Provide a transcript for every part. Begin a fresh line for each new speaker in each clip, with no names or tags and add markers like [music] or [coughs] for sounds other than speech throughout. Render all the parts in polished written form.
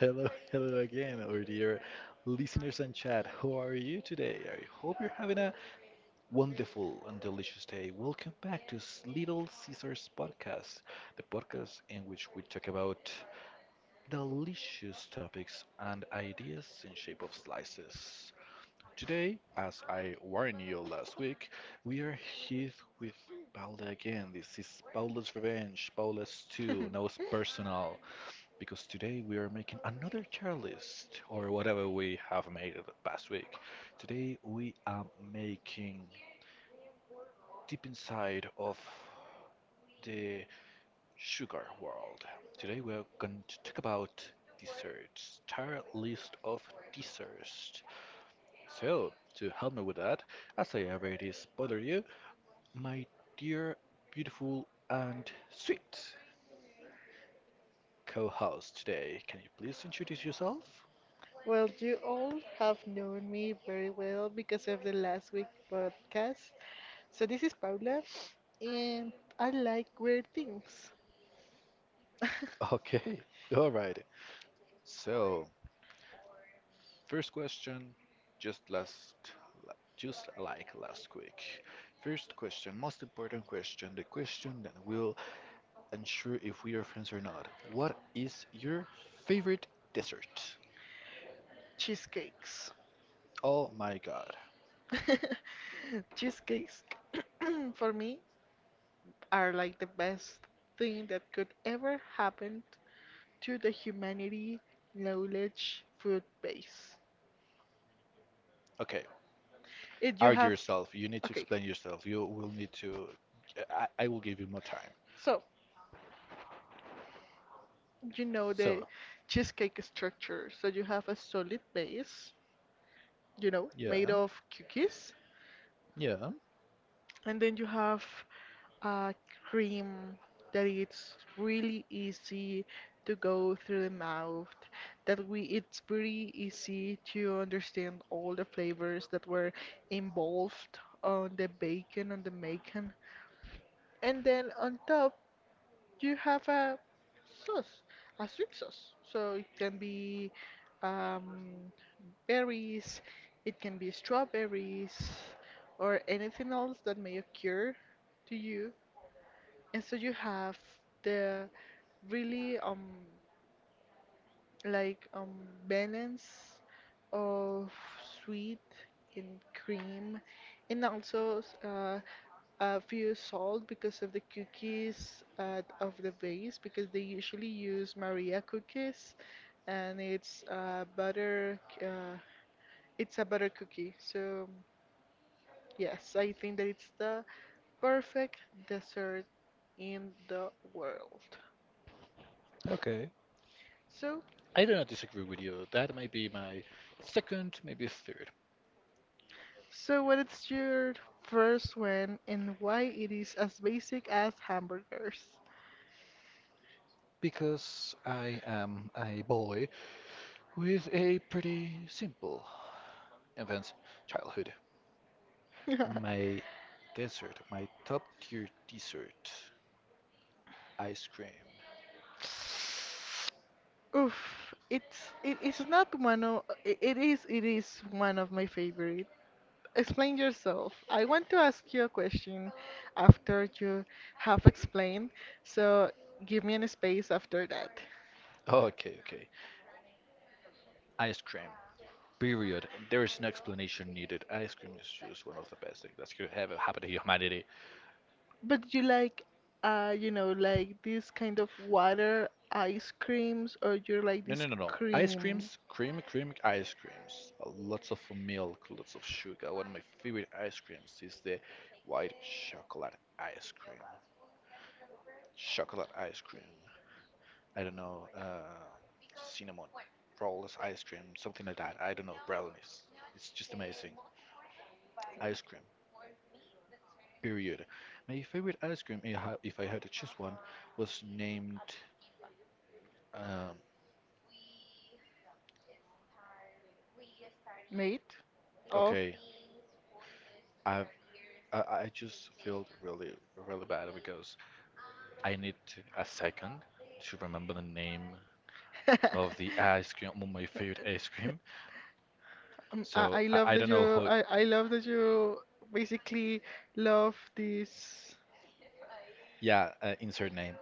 Hello, [laughs] hello again, our dear listeners and chat. How are you today? I hope you're having a wonderful and delicious day. Welcome back to Little Caesars Podcast, the podcast in which we talk about delicious topics and ideas in shape of slices. Today, as I warned you last week, we are here with Paula again. This is Paula's Revenge, Paula's 2, now it's personal because today we are making another tier list or whatever we have made the past week. Today we are making deep inside of the sugar world. Today we are going to talk about desserts, tier list of desserts. So, to help me with that, as I already spoiled you, my dear, beautiful, and sweet co host today, can you please introduce yourself?
Well, you all have known me very well because of the last week podcast. So this is Paula, and I like weird things. [laughs]
Okay, [laughs] alright. So, first question, just last, just like last week. First question, most important question, the question that will ensure if we are friends or not. What is your favorite dessert?
Cheesecakes.
Oh my God.
[laughs] Cheesecakes [clears throat] for me are like the best thing that could ever happen to the humanity knowledge food base.
Okay,
If you
argue
have
yourself. You need to
Okay,
explain yourself. You will need to. I will give you more time.
so you know the
So,
cheesecake structure. So you have a solid base, made
yeah,
of cookies.
yeah,
And then you have a cream that it's really easy to go through the mouth. That we It's pretty easy to understand all the flavors that were involved on the bacon, on the making. And then on top you have a sauce, a sweet sauce. So it can be um, berries, it can be strawberries, or anything else that may occur to you. And so you have the really like balance of sweet and cream, and also few sold because of the cookies of the base because they usually use Maria cookies and it's a butter cookie. So yes, I think that it's the perfect dessert in the world.
okay.
So
I do not disagree with you. That may be my second, maybe third.
what is your first one, and why it is as basic as hamburgers?
Because I am a boy with a pretty simple infant childhood.
[laughs]
My dessert, my top tier dessert, ice cream.
Oof, it is not one of it is one of my favorite. Explain yourself. I want to ask you a question after you have explained, so give me an space after that.
Oh, okay, okay. Ice cream. Period. There is no explanation needed. Ice cream is just one of the best things that could ever happen to humanity.
But you like like this kind of water ice creams, or you like
No,
this
no, no, no. Ice
cream
creams, cream, cream, ice creams. Lots of milk, lots of sugar. One of my favorite ice creams is the white chocolate ice cream. Chocolate ice cream. I don't know, cinnamon rolls ice cream, something like that. I don't know, brownies. It's just amazing. Ice cream, period. My favorite ice cream, if I had to choose one, was named. Um,
made of.
okay, I've, I just feel really really bad because I need a second to remember the name of the ice
[laughs]
cream, my favorite ice cream.
[laughs] Um, I,
So
I
I,
love
I
that
don't know
you
who.
I, I love that you basically love this.
Yeah, insert name.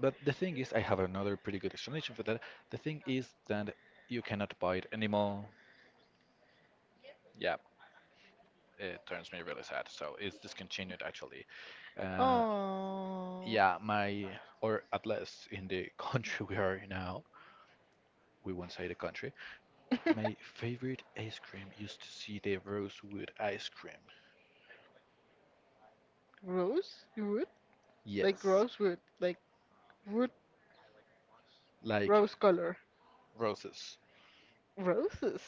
But the thing is, I have another pretty good explanation for that. The thing is that you cannot buy it anymore. Yeah, it turns me really sad. So it's discontinued actually. Uh,
Oh,
yeah, or at least in the [laughs] country we are now, we won't say the country. My
[laughs]
favorite ice cream used to see the rosewood ice cream.
rose wood,
Yes,
rose wood, like wood
like
rose color,
roses.
roses.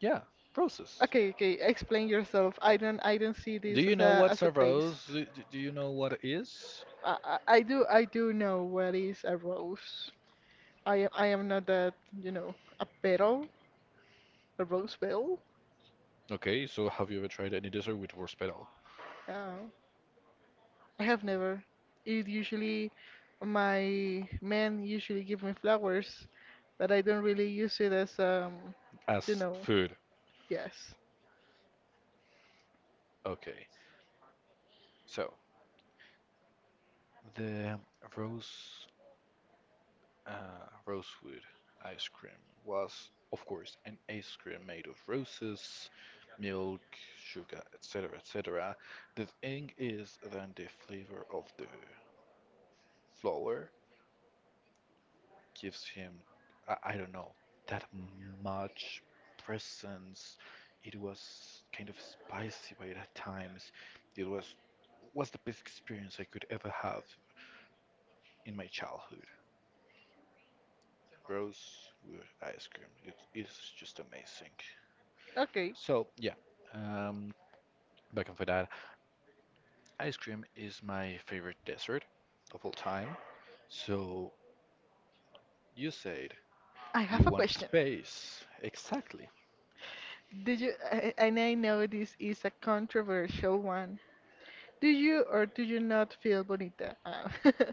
Yeah, roses.
Okay, okay, explain yourself. I don't see
Do
this
you
as
know
a
what's
as a
a
taste.
rose? Do you know what it is?
I do know what is a rose. I am not that, you know, a petal, a rose petal.
Okay, so have you ever tried any dessert with rose petal
Uh, I have never. It usually My men usually give me flowers, but I don't really use it as, you
as
know,
food?
yes.
Okay, so the rose rosewood ice cream was, of course, an ice cream made of roses, milk, sugar, etc., etc. The thing is then the flavor of the flower gives him, I don't know, that much presence. It was kind of spicy by that times. It was the best experience I could ever have in my childhood. Rosewood ice cream. It is just amazing.
Okay,
So yeah, um, back on for that. Ice cream is my favorite dessert of all time. So you said
I have
you
a
want
question.
space. Exactly.
Did you? And I know this is a controversial one. Do you or do you not feel bonita? Ah,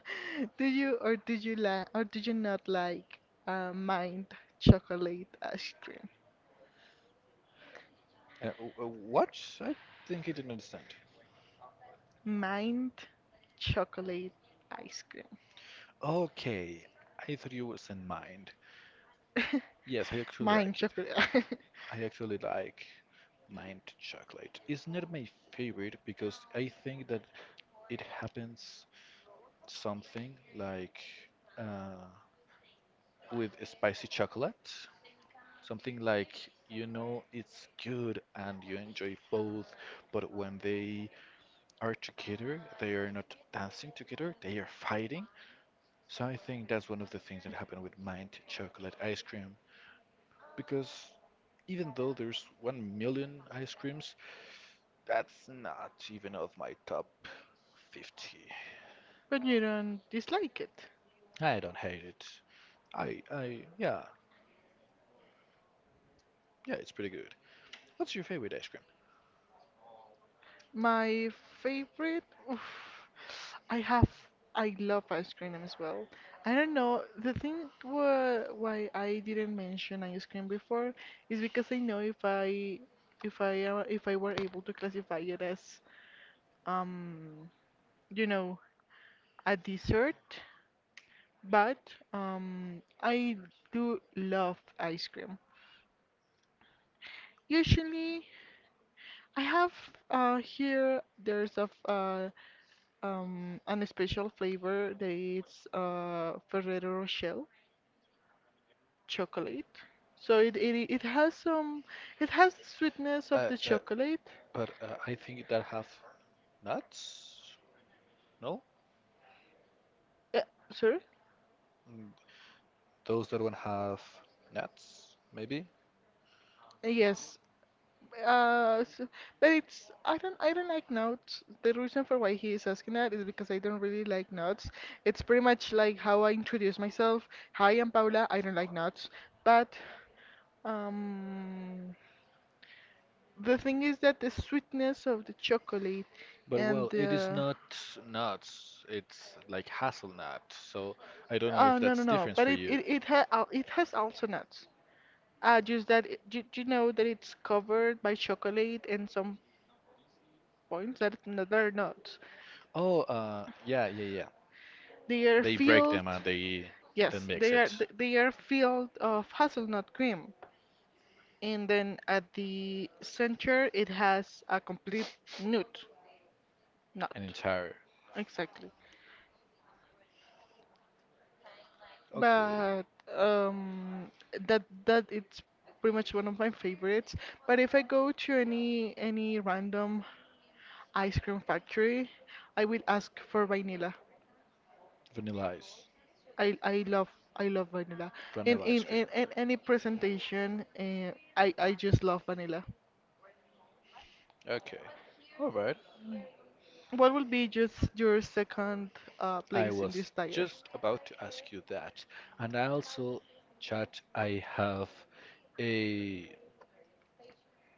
[laughs] do you or do you like or do you not like mint chocolate ice cream?
What? I think I didn't understand.
Mint chocolate ice cream.
Okay, I thought you was in mind. Yes, I
[laughs]
actually
Mint
like it.
chocolate. [laughs]
I actually like mint chocolate. It's not my favorite because I think that it happens something like uh, with spicy chocolate. Something like, you know, it's good and you enjoy both, but when they are together, they are not dancing together, they are fighting. So I think that's one of the things that happened with mint chocolate ice cream because even though there's 1 million ice creams, that's not even of my top 50.
But you don't dislike it.
I don't hate it. I yeah, yeah, it's pretty good. What's your favorite ice cream?
My favorite? Oof. I have, I love ice cream as well. I don't know, the thing why I didn't mention ice cream before is because I know if I, if I, if I were able to classify it as, um, you know, a dessert, but, I do love ice cream. Usually, I have, here, there's a, and a special flavor that it's Ferrero Rocher chocolate. So it has the sweetness of
Uh,
the
uh,
chocolate.
but I think that have nuts? No?
Uh, Sorry?
Mm, those that don't have nuts, maybe?
Yes. So, but it's I don't like nuts. The reason for why he is asking that is because I don't really like nuts. It's pretty much like how I introduce myself. Hi, I'm Paula. I don't like nuts, but. Um, The thing is that the sweetness of the chocolate
But
and
well, it is
the.
not nuts. It's like hazelnut. So I don't know
Oh,
if
no, no,
that's
no,
different
but
for
it
you.
it it, ha al- it has also nuts. Just that do you know that it's covered by chocolate and some points that are nuts.
Oh, yeah, yeah, yeah.
They are
They break them
filled.
and they then
Yes,
mix
they are
it
th- they are filled of hazelnut cream, and then at the center it has a complete nut.
an
Nut,
entire.
exactly.
Okay.
But um, that it's pretty much one of my favorites. But if I go to any random ice cream factory, I will ask for vanilla.
Vanilla ice.
I I love I love vanilla. In
Vanilla
in
ice cream.
in, in any presentation, I just love vanilla.
Okay. All right.
What will be just your second
I
place in
was
this tier?
just about to ask you that. And I also, chat, I have a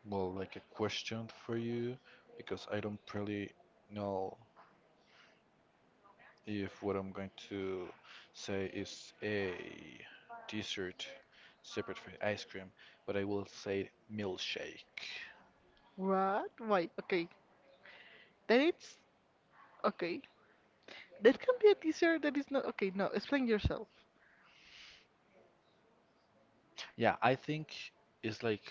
well, like a question for you because I don't really know if what I'm going to say is a dessert separate from ice cream, but I will say milkshake.
What? Why? Okay. Then it's okay. That can be a teaser that is not okay. No, explain yourself.
Yeah, I think it's like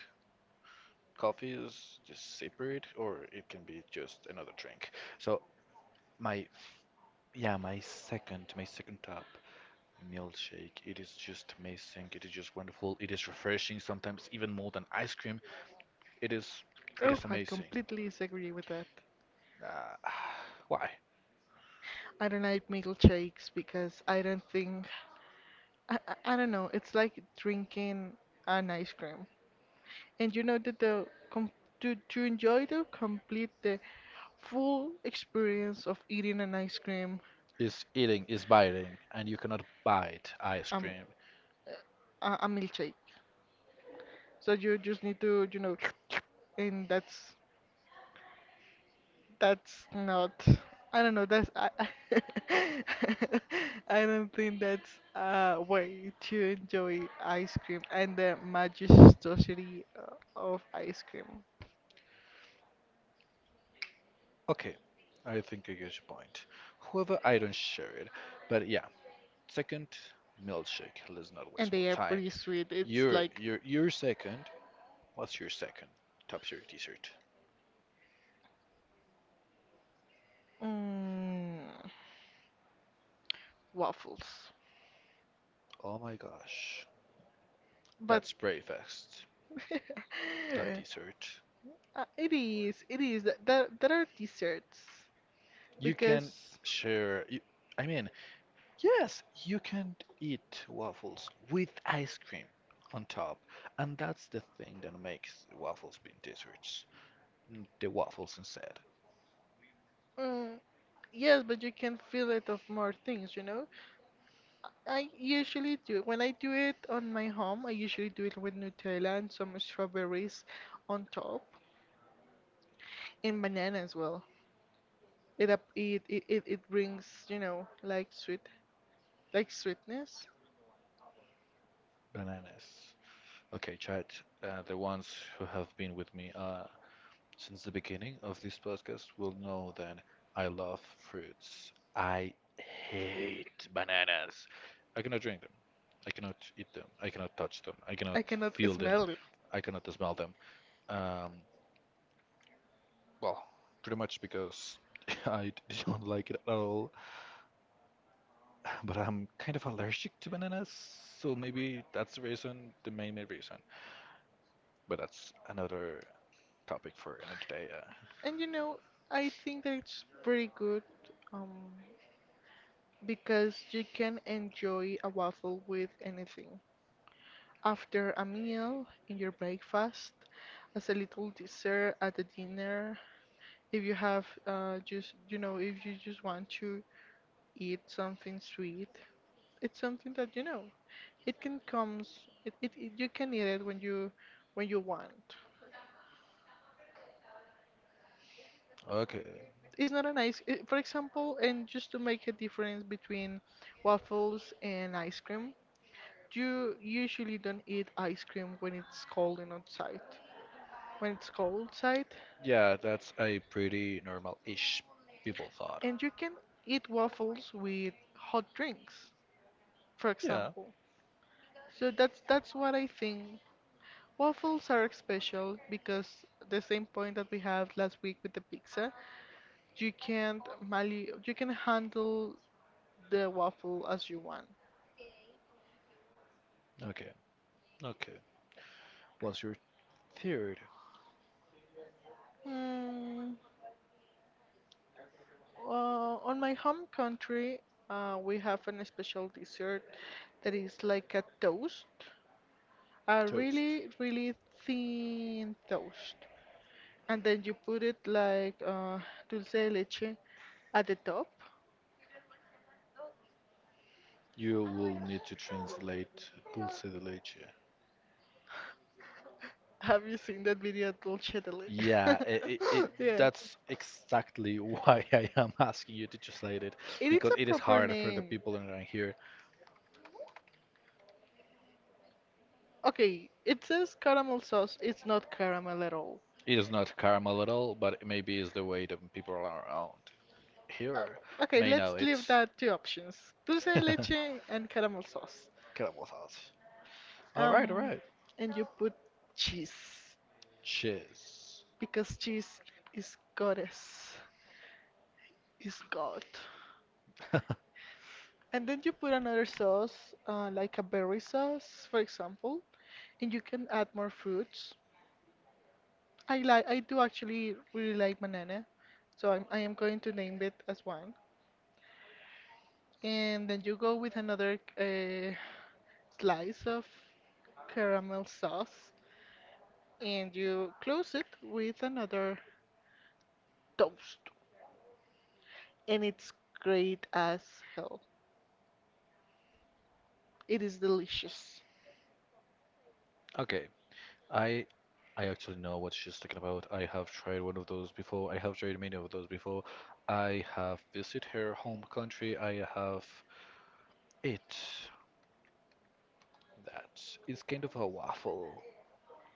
coffee is just separate or it can be just another drink. So my yeah, my second top milkshake. It is just amazing. It is just wonderful. It is refreshing, sometimes even more than ice cream. It is it
Oh,
is
I
amazing.
completely disagree with that.
Uh, [sighs] why?
I don't like milkshakes because I don't think. I don't know. It's like drinking an ice cream, and you know that the com to enjoy the full experience of eating an ice cream.
It's eating, it's biting, and you cannot bite ice
Um,
cream.
a milkshake. So you just need to, [tsk] and That's not. I don't know. That's I. I [laughs] I don't think that's a way to enjoy ice cream and the majestuosity of ice cream.
Okay, I think I get your point. However, I don't share it. But yeah, second milkshake. Let's not
And
waste more
they are
time.
pretty sweet. It's
Your
like
your your second. What's your second? Top tier dessert.
mm, waffles,
Oh my gosh,
but.
that's breakfast,
[laughs]
not dessert.
It is. It is. That that are desserts
You can
because
share. You, I mean, yes, you can eat waffles with ice cream on top, and that's the thing that makes waffles being desserts. The waffles instead,
mm, yes, but you can fill it of more things. You know. I usually do. When I do it on my home, I usually do it with Nutella and some strawberries on top, and banana as well. It up it it, it, it brings, like sweetness.
bananas. Okay, chat, the ones who have been with me since the beginning of this podcast will know that I love fruits. I hate bananas. I cannot drink them. I cannot eat them. I cannot touch them. I cannot
I cannot
feel them.
smell it.
I cannot smell them. Um, Well, pretty much because [laughs] I don't like it at all. But I'm kind of allergic to bananas, so maybe that's the reason, the main main reason. But that's another topic for another day. Yeah.
And I think that it's pretty good um because you can enjoy a waffle with anything. After a meal in your breakfast, as a little dessert at the dinner. If you have just you know, if you just want to eat something sweet, it's something that you know it can comes. It You can eat it when you want.
Okay.
It's not an ice. For example, and just to make a difference between waffles and ice cream, you usually don't eat ice cream when it's cold and outside. When it's cold outside,
Yeah, that's a pretty normal-ish people thought.
and you can eat waffles with hot drinks, for
Yeah.
example. So that's what I think. Waffles are special because the same point that we have last week with the pizza, you can't mali- you can handle the waffle as you want.
Okay. Okay. What's your third
Mm, on my home country, we have an special dessert that is like a toast, a
toast?
really, really thin toast. And then you put it like dulce de leche at the top.
You will need to translate dulce de leche.
Have you seen that video of Dulce de?
Yeah,
[laughs]
it
Yeah.
that's exactly why [laughs] I am asking you to translate it
It is
because
a
it is
proper
hard for the
name.
people around here.
Okay, it says caramel sauce. It's not caramel at all.
It is not caramel at all, but maybe it's the way the people around
Uh,
here
okay,
may know
let's leave
it.
that two options. Dulce de
[laughs]
leche and caramel sauce.
Caramel sauce. All right, all
Um,
right.
and you put cheese
Cheers. [laughs]
because cheese is goddess, is god. And then you put another sauce, like a berry sauce, for example, and you can add more fruits. I do actually really like banana, so I am going to name it as one. And then you go with another slice of caramel sauce, and you close it with another toast. And it's great as hell. It is delicious.
Okay, I I actually know what she's talking about. I have tried one of those before. I have tried many of those before. I have visited her home country. I have it. That it's kind of a waffle,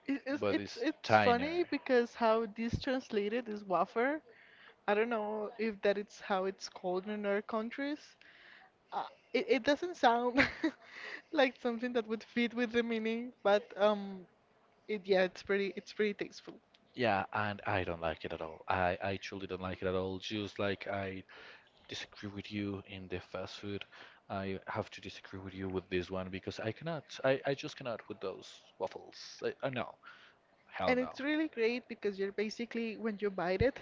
It,
but it's
it's funny
tinier.
because how this translated is wafer. I don't know if that it's how it's called in other countries. Uh, it doesn't sound [laughs] like something that would fit with the meaning, but it yeah, it's pretty tasteful,
Yeah, and I don't like it at all. I truly don't like it at all. Just like I disagree with you in the fast food, I have to disagree with you with this one because I cannot. I just cannot with those waffles. I no. Hell
and
no.
it's really great because you're basically when you bite it,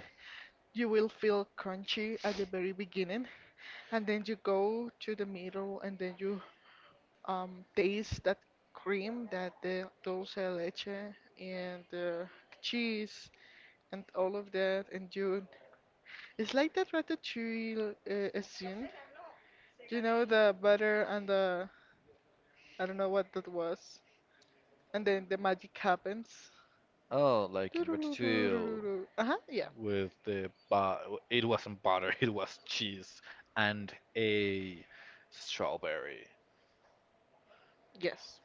you will feel crunchy at the very beginning, and then you go to the middle, and then you taste that cream, that the dulce de leche and the cheese and all of that. And you it's like that ratatouille scene. You know, the butter and the. I don't know what that was. And then the magic happens.
Oh, like in ratatouille
Doo-doo-doo-doo-doo-doo-doo. Uh-huh, yeah.
with the but it wasn't butter, [laughs] it was cheese and a strawberry.
Yes.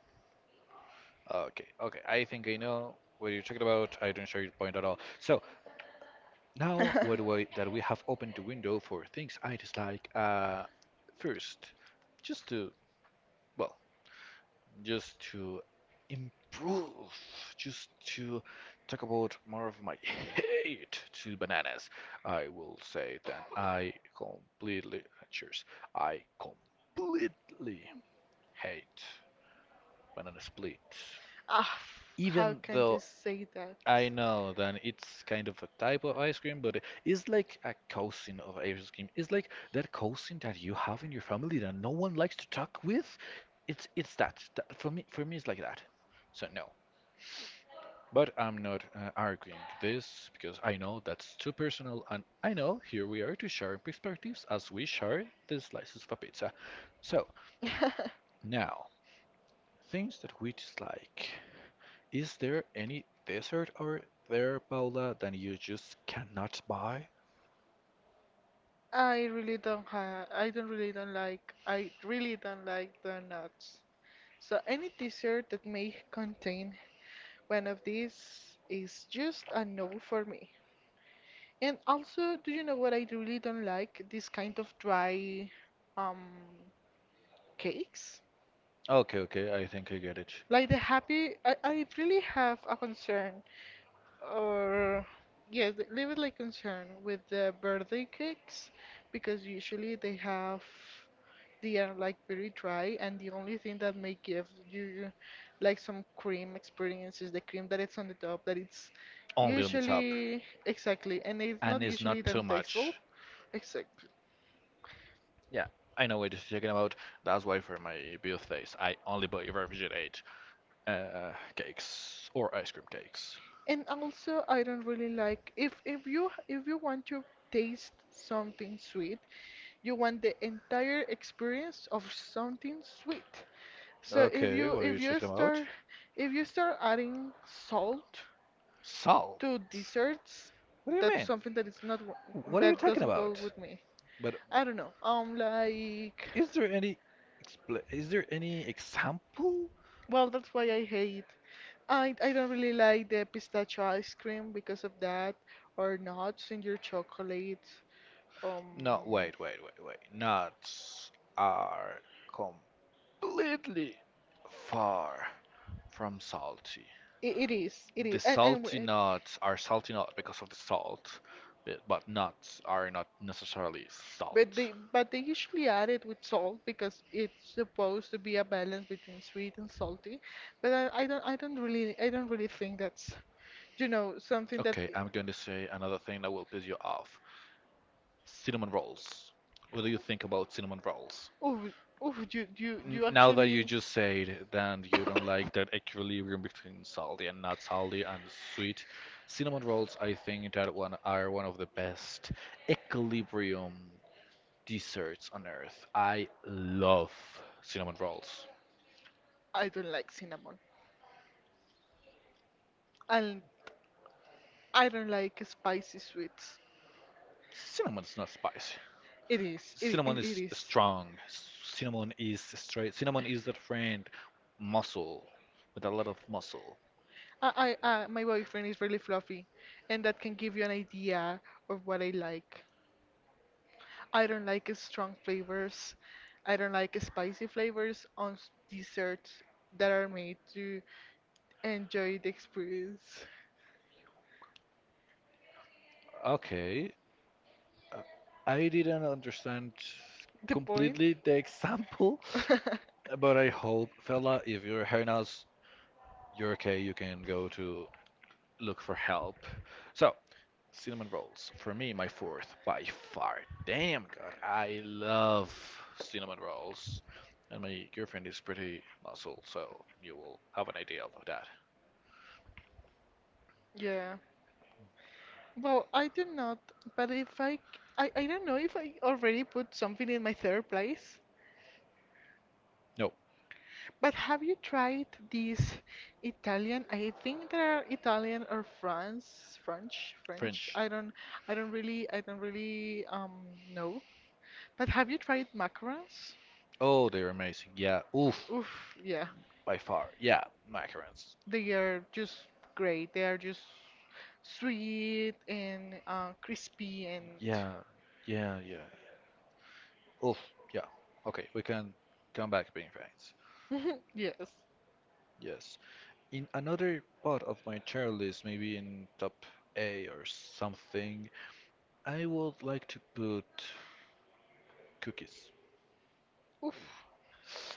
Okay, okay, I think I know what you're talking about. I don't share your point at all. So now, what do I
[laughs]
that we have opened the window for things I dislike. First, just to well, just to improve, just to talk about more of my [laughs] hate to bananas, I will say that I completely, cheers, I completely hate banana split.
Ah, how
Even
can you
though
say that?
I know that it's kind of a type of ice cream, but it's like a cousin of ice cream. It's like that cousin that you have in your family that no one likes to talk with. It's that. For me, it's like that. So no, but I'm not arguing this because I know that's too personal, and I know here we are to share perspectives as we share the slices of a pizza. So, now, things that we dislike. Is there any dessert out there, Paula, that you just cannot buy?
I really don't like the nuts. So any dessert that may contain one of these is just a no for me. And also, do you know what I really don't like? This kind of dry um cakes.
Okay, okay, I think I get it.
I really have a concern, or yeah, leave it like concern with the birthday cakes, because usually they are like very dry, and the only thing that may give you like some cream experience is the cream that it's on the top, that it's
Only on the top.
usually exactly, and it's not
And it's
usually
not too
that tasteful.
much.
Exactly.
Yeah, I know what you're talking about. That's why for my birthdays, I only buy refrigerate cakes or ice cream cakes.
And also, I don't really like if you want to taste something sweet, you want the entire experience of something sweet. So
Okay, what are you talking about?
if you start adding salt
Salt?
to desserts,
What do you
that's
mean?
something that is not
What are you
that
talking
doesn't go
about?
with me.
But
I don't know. Like,
is there any is there any example?
well, that's why I hate. I don't really like the pistachio ice cream because of that, or nuts in your chocolate. Um,
No, wait, wait, wait, wait. Nuts are completely far from salty.
it, it is, it
The
is, and, and
salty
w-
nuts are salty not because of the salt, but nuts are not necessarily
But
salt.
they usually add it with salt because it's supposed to be a balance between sweet and salty. But I don't really think that's something that.
Okay, I'm going to say another thing that will piss you off. Cinnamon rolls. What do you think about cinnamon rolls?
Oh oh, you you you
Now that you
actually.
just said that you don't
[coughs]
like that equilibrium between salty and not salty and sweet, cinnamon rolls, I think that one are one of the best equilibrium desserts on earth. I love cinnamon rolls.
I don't like cinnamon and I don't like spicy sweets.
Cinnamon's not spicy.
It is
Cinnamon
it
is
is.
strong. Cinnamon is straight. Cinnamon is that friend, muscle, with a lot of muscle.
My boyfriend is really fluffy, and that can give you an idea of what I like. I don't like strong flavors. I don't like spicy flavors on desserts that are made to enjoy the experience. [laughs]
Okay, uh, I didn't understand
The point?
completely the example,
[laughs]
but I hope, fella, if you're hearing us, you're okay. You can go to look for help. So, cinnamon rolls for me, my fourth by far. Damn, God, I love cinnamon rolls, and my girlfriend is pretty muscle, so you will have an idea of that.
Yeah. Well, I do not, but if I, c- I don't know if I already put something in my third place.
No,
But have you tried these Italian? I think they're Italian or France, French.
French.
I don't really know. But have you tried macarons?
Oh, they're amazing. Yeah. Oof,
Oof, yeah.
by far. Yeah, macarons.
They are just great. They are just sweet and crispy and
Yeah, yeah, yeah. Oof, yeah. Okay, we can come back being friends.
[laughs] yes.
Yes. In another part of my tier list, maybe in top A or something, I would like to put cookies.
Oof.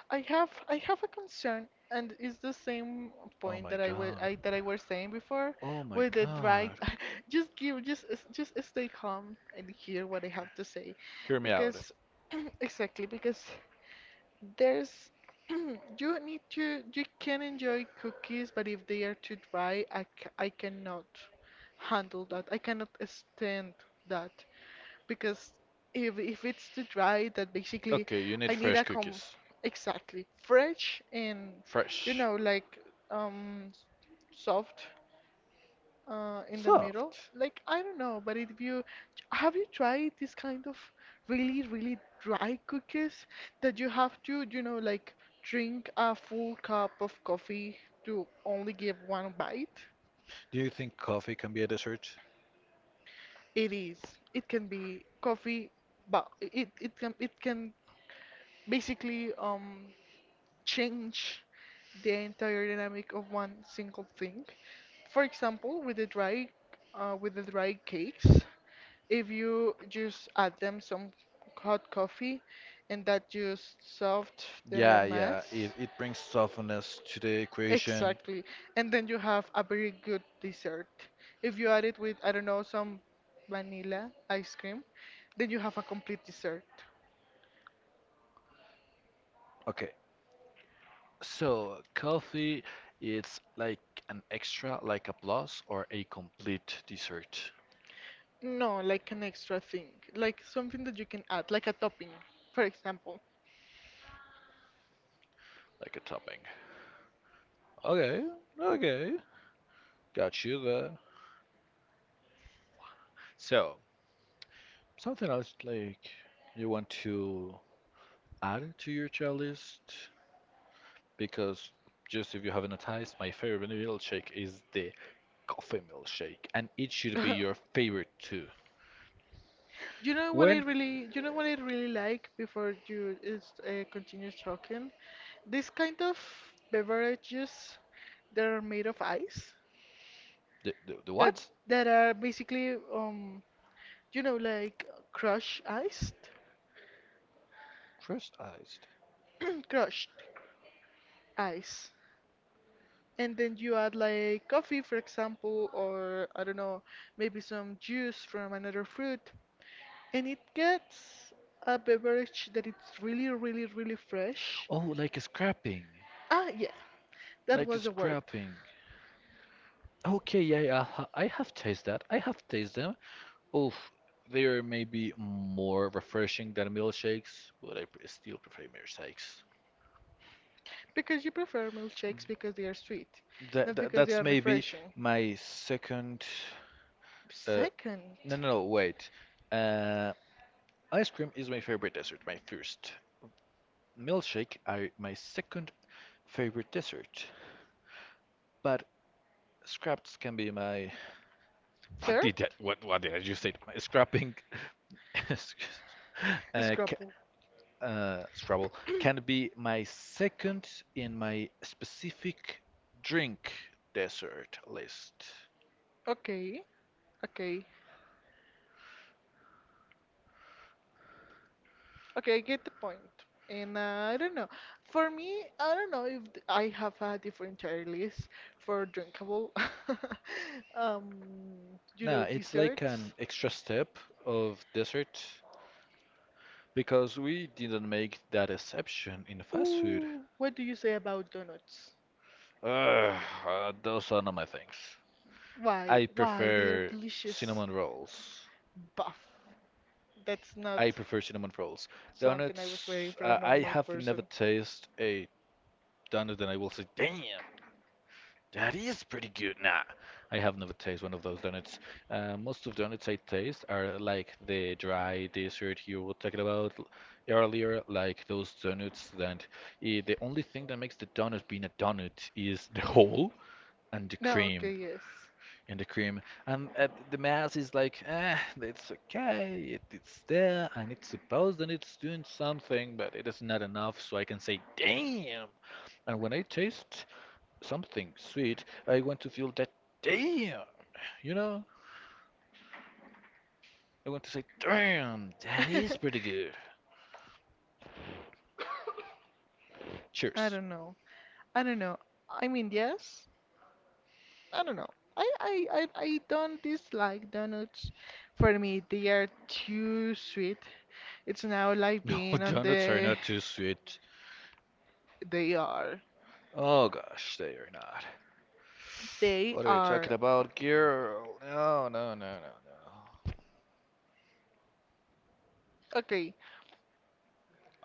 I have a concern, and it's the same
Oh
point
my
that I were
god.
I that I were saying before
Oh my
with the dry.
god.
[laughs] Just give just s- Just stay calm and hear what I have to say,
Hear me out.
because [clears throat] exactly because there's [clears throat] you need to you can enjoy cookies, but if they are too dry, I cannot handle that. I cannot stand that because if it's too dry, that basically
Okay, you need
I need
fresh
a com
cookies.
exactly fresh and you
Fresh.
know like um soft in the middle.
Soft.
Like I don't know, but if you have you tried this kind of really really dry cookies that you have to you know like drink a full cup of coffee to only give one bite?
Do you think coffee can be a dessert?
It is. It can be coffee, but it can basically change the entire dynamic of one single thing. For example, with the dry cakes, if you just add them some hot coffee, and that just soft
Yeah,
the
yeah, it,
mass.
it brings softness to the equation.
Exactly. And then you have a very good dessert. If you add it with, I don't know, some vanilla ice cream, then you have a complete dessert.
Okay, so coffee it's like an extra, like a plus, or a complete dessert,
No, like an extra thing, like something that you can add, like a topping, for example.
like a topping. Okay, okay, got you there. So, something else like you want to add to your child list? Because just if you haven't noticed, my favorite milkshake is the coffee milkshake, and it should be your
[laughs]
favorite too. When
You know what I really like before you is continue talking. This kind of beverages that are made of ice,
the
that
what?
that are basically you know, like crushed iced,
Trust eyes.
[clears throat] crushed ice, and then you add like coffee, for example, or I don't know, maybe some juice from another fruit, and it gets a beverage that it's really, really, really fresh.
Oh, like scrapping.
Ah, yeah, that
Like
was the word.
scrapping. Okay, yeah, yeah, I have tasted that. I have tasted them. Oof, they are maybe more refreshing than milkshakes, but still prefer milkshakes.
Because you prefer milkshakes because they are sweet,
That,
not
that
because they
that's
are
maybe
refreshing.
my second. Uh,
Second,
no, no, no, wait. Uh, ice cream is my favorite dessert, my first. Milkshake are my second favorite dessert. But scraps can be my. [laughs] What
third,
did I, what what did I just say? My scrapping [laughs] Excuse- uh, ca-
scrapple.
Scrabble can be my second in my specific drink dessert list.
Okay, okay, okay, I get the point. And I don't know. For me, I don't know if th- I have a different tier list for drinkable, [laughs] um, you
Now,
know,
it's like an
desserts.
extra step of dessert because we didn't make that exception in fast food.
Ooh, what do you say about donuts?
Ugh, those are not my things. I
Why they are
prefer
delicious.
cinnamon rolls.
Buff. That's not
I prefer cinnamon rolls.
something I was waiting
Donuts,
for a
I
normal
have
person.
never tasted a donut and I will say, damn, that is pretty good. Nah, I have never tasted one of those donuts. Most of donuts I taste are like the dry dessert you were talking about earlier, like those donuts that eh, the only thing that makes the donut being a donut is the hole and the
No, okay,
cream.
yes.
And the cream and the mass is like, ah, it's okay, it's there, and it's supposed that it's doing something, but it is not enough, so I can say, damn. And when I taste something sweet, I want to feel that damn, you know? I want to say, damn, that is pretty good.
[laughs] I
Cheers.
don't know. I don't know. I mean, yes. I don't know. I don't dislike donuts. For me, they are too sweet. It's now like
No,
being
[laughs]
on
donuts are
the.
not too sweet.
They are.
Oh gosh, they are not.
They
What are you talking
are.
about, girl? No, no, no, no, no.
Okay.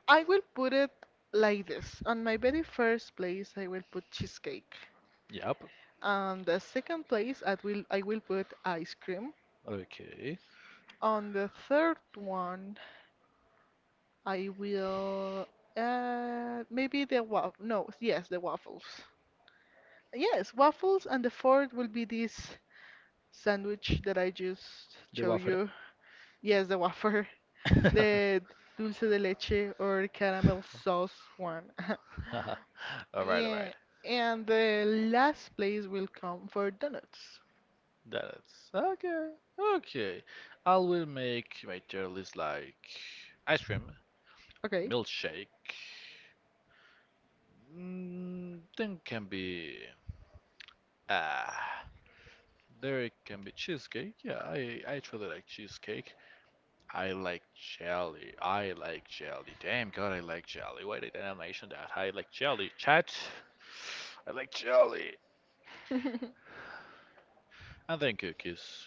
I will put it like this. On my very first place, I will put cheesecake.
Yep.
On the second place, I will put ice cream.
Okay.
On the third one, I will maybe the waffle. No, yes, the waffles. Yes, waffles, and the fourth will be this sandwich that I just
The
showed
waffle.
you. Yes, the wafer,
[laughs]
[laughs]
All
the dulce de leche or caramel sauce one. [laughs]
right, all right.
Yeah, and the last place will come for donuts.
That's okay. Okay. I will make my tier list like ice cream,
Okay.
milkshake, mm, then can be ah there it can be cheesecake. Yeah, I truly like cheesecake. I like jelly. I like jelly. Damn God, I like jelly. Why did I mention that? I like jelly. Chat. I like jelly.
[laughs]
And then cookies.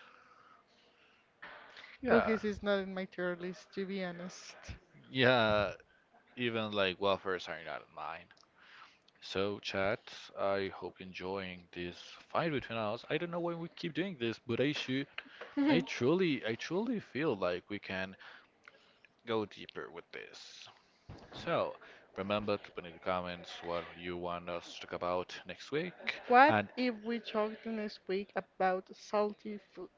Yeah,
Cookies is not in my tier list, to be honest.
yeah. Even like wafers are not mine. So chat, I hope enjoying this fight between us. I don't know why we keep doing this, but I should.
[laughs]
I truly feel like we can go deeper with this. So, remember to put in the comments what you want us to talk about next week.
What
And
if we talked next week about salty food?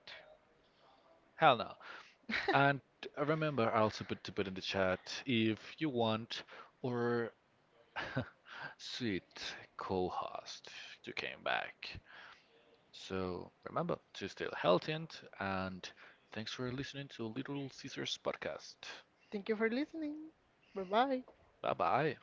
hell no. And
[laughs]
remember also put in the chat if you want or [laughs] sweet co-host to came back. So remember to stay healthy and and thanks for listening to Little Caesars podcast.
Thank you for listening. Bye bye.
Bye bye.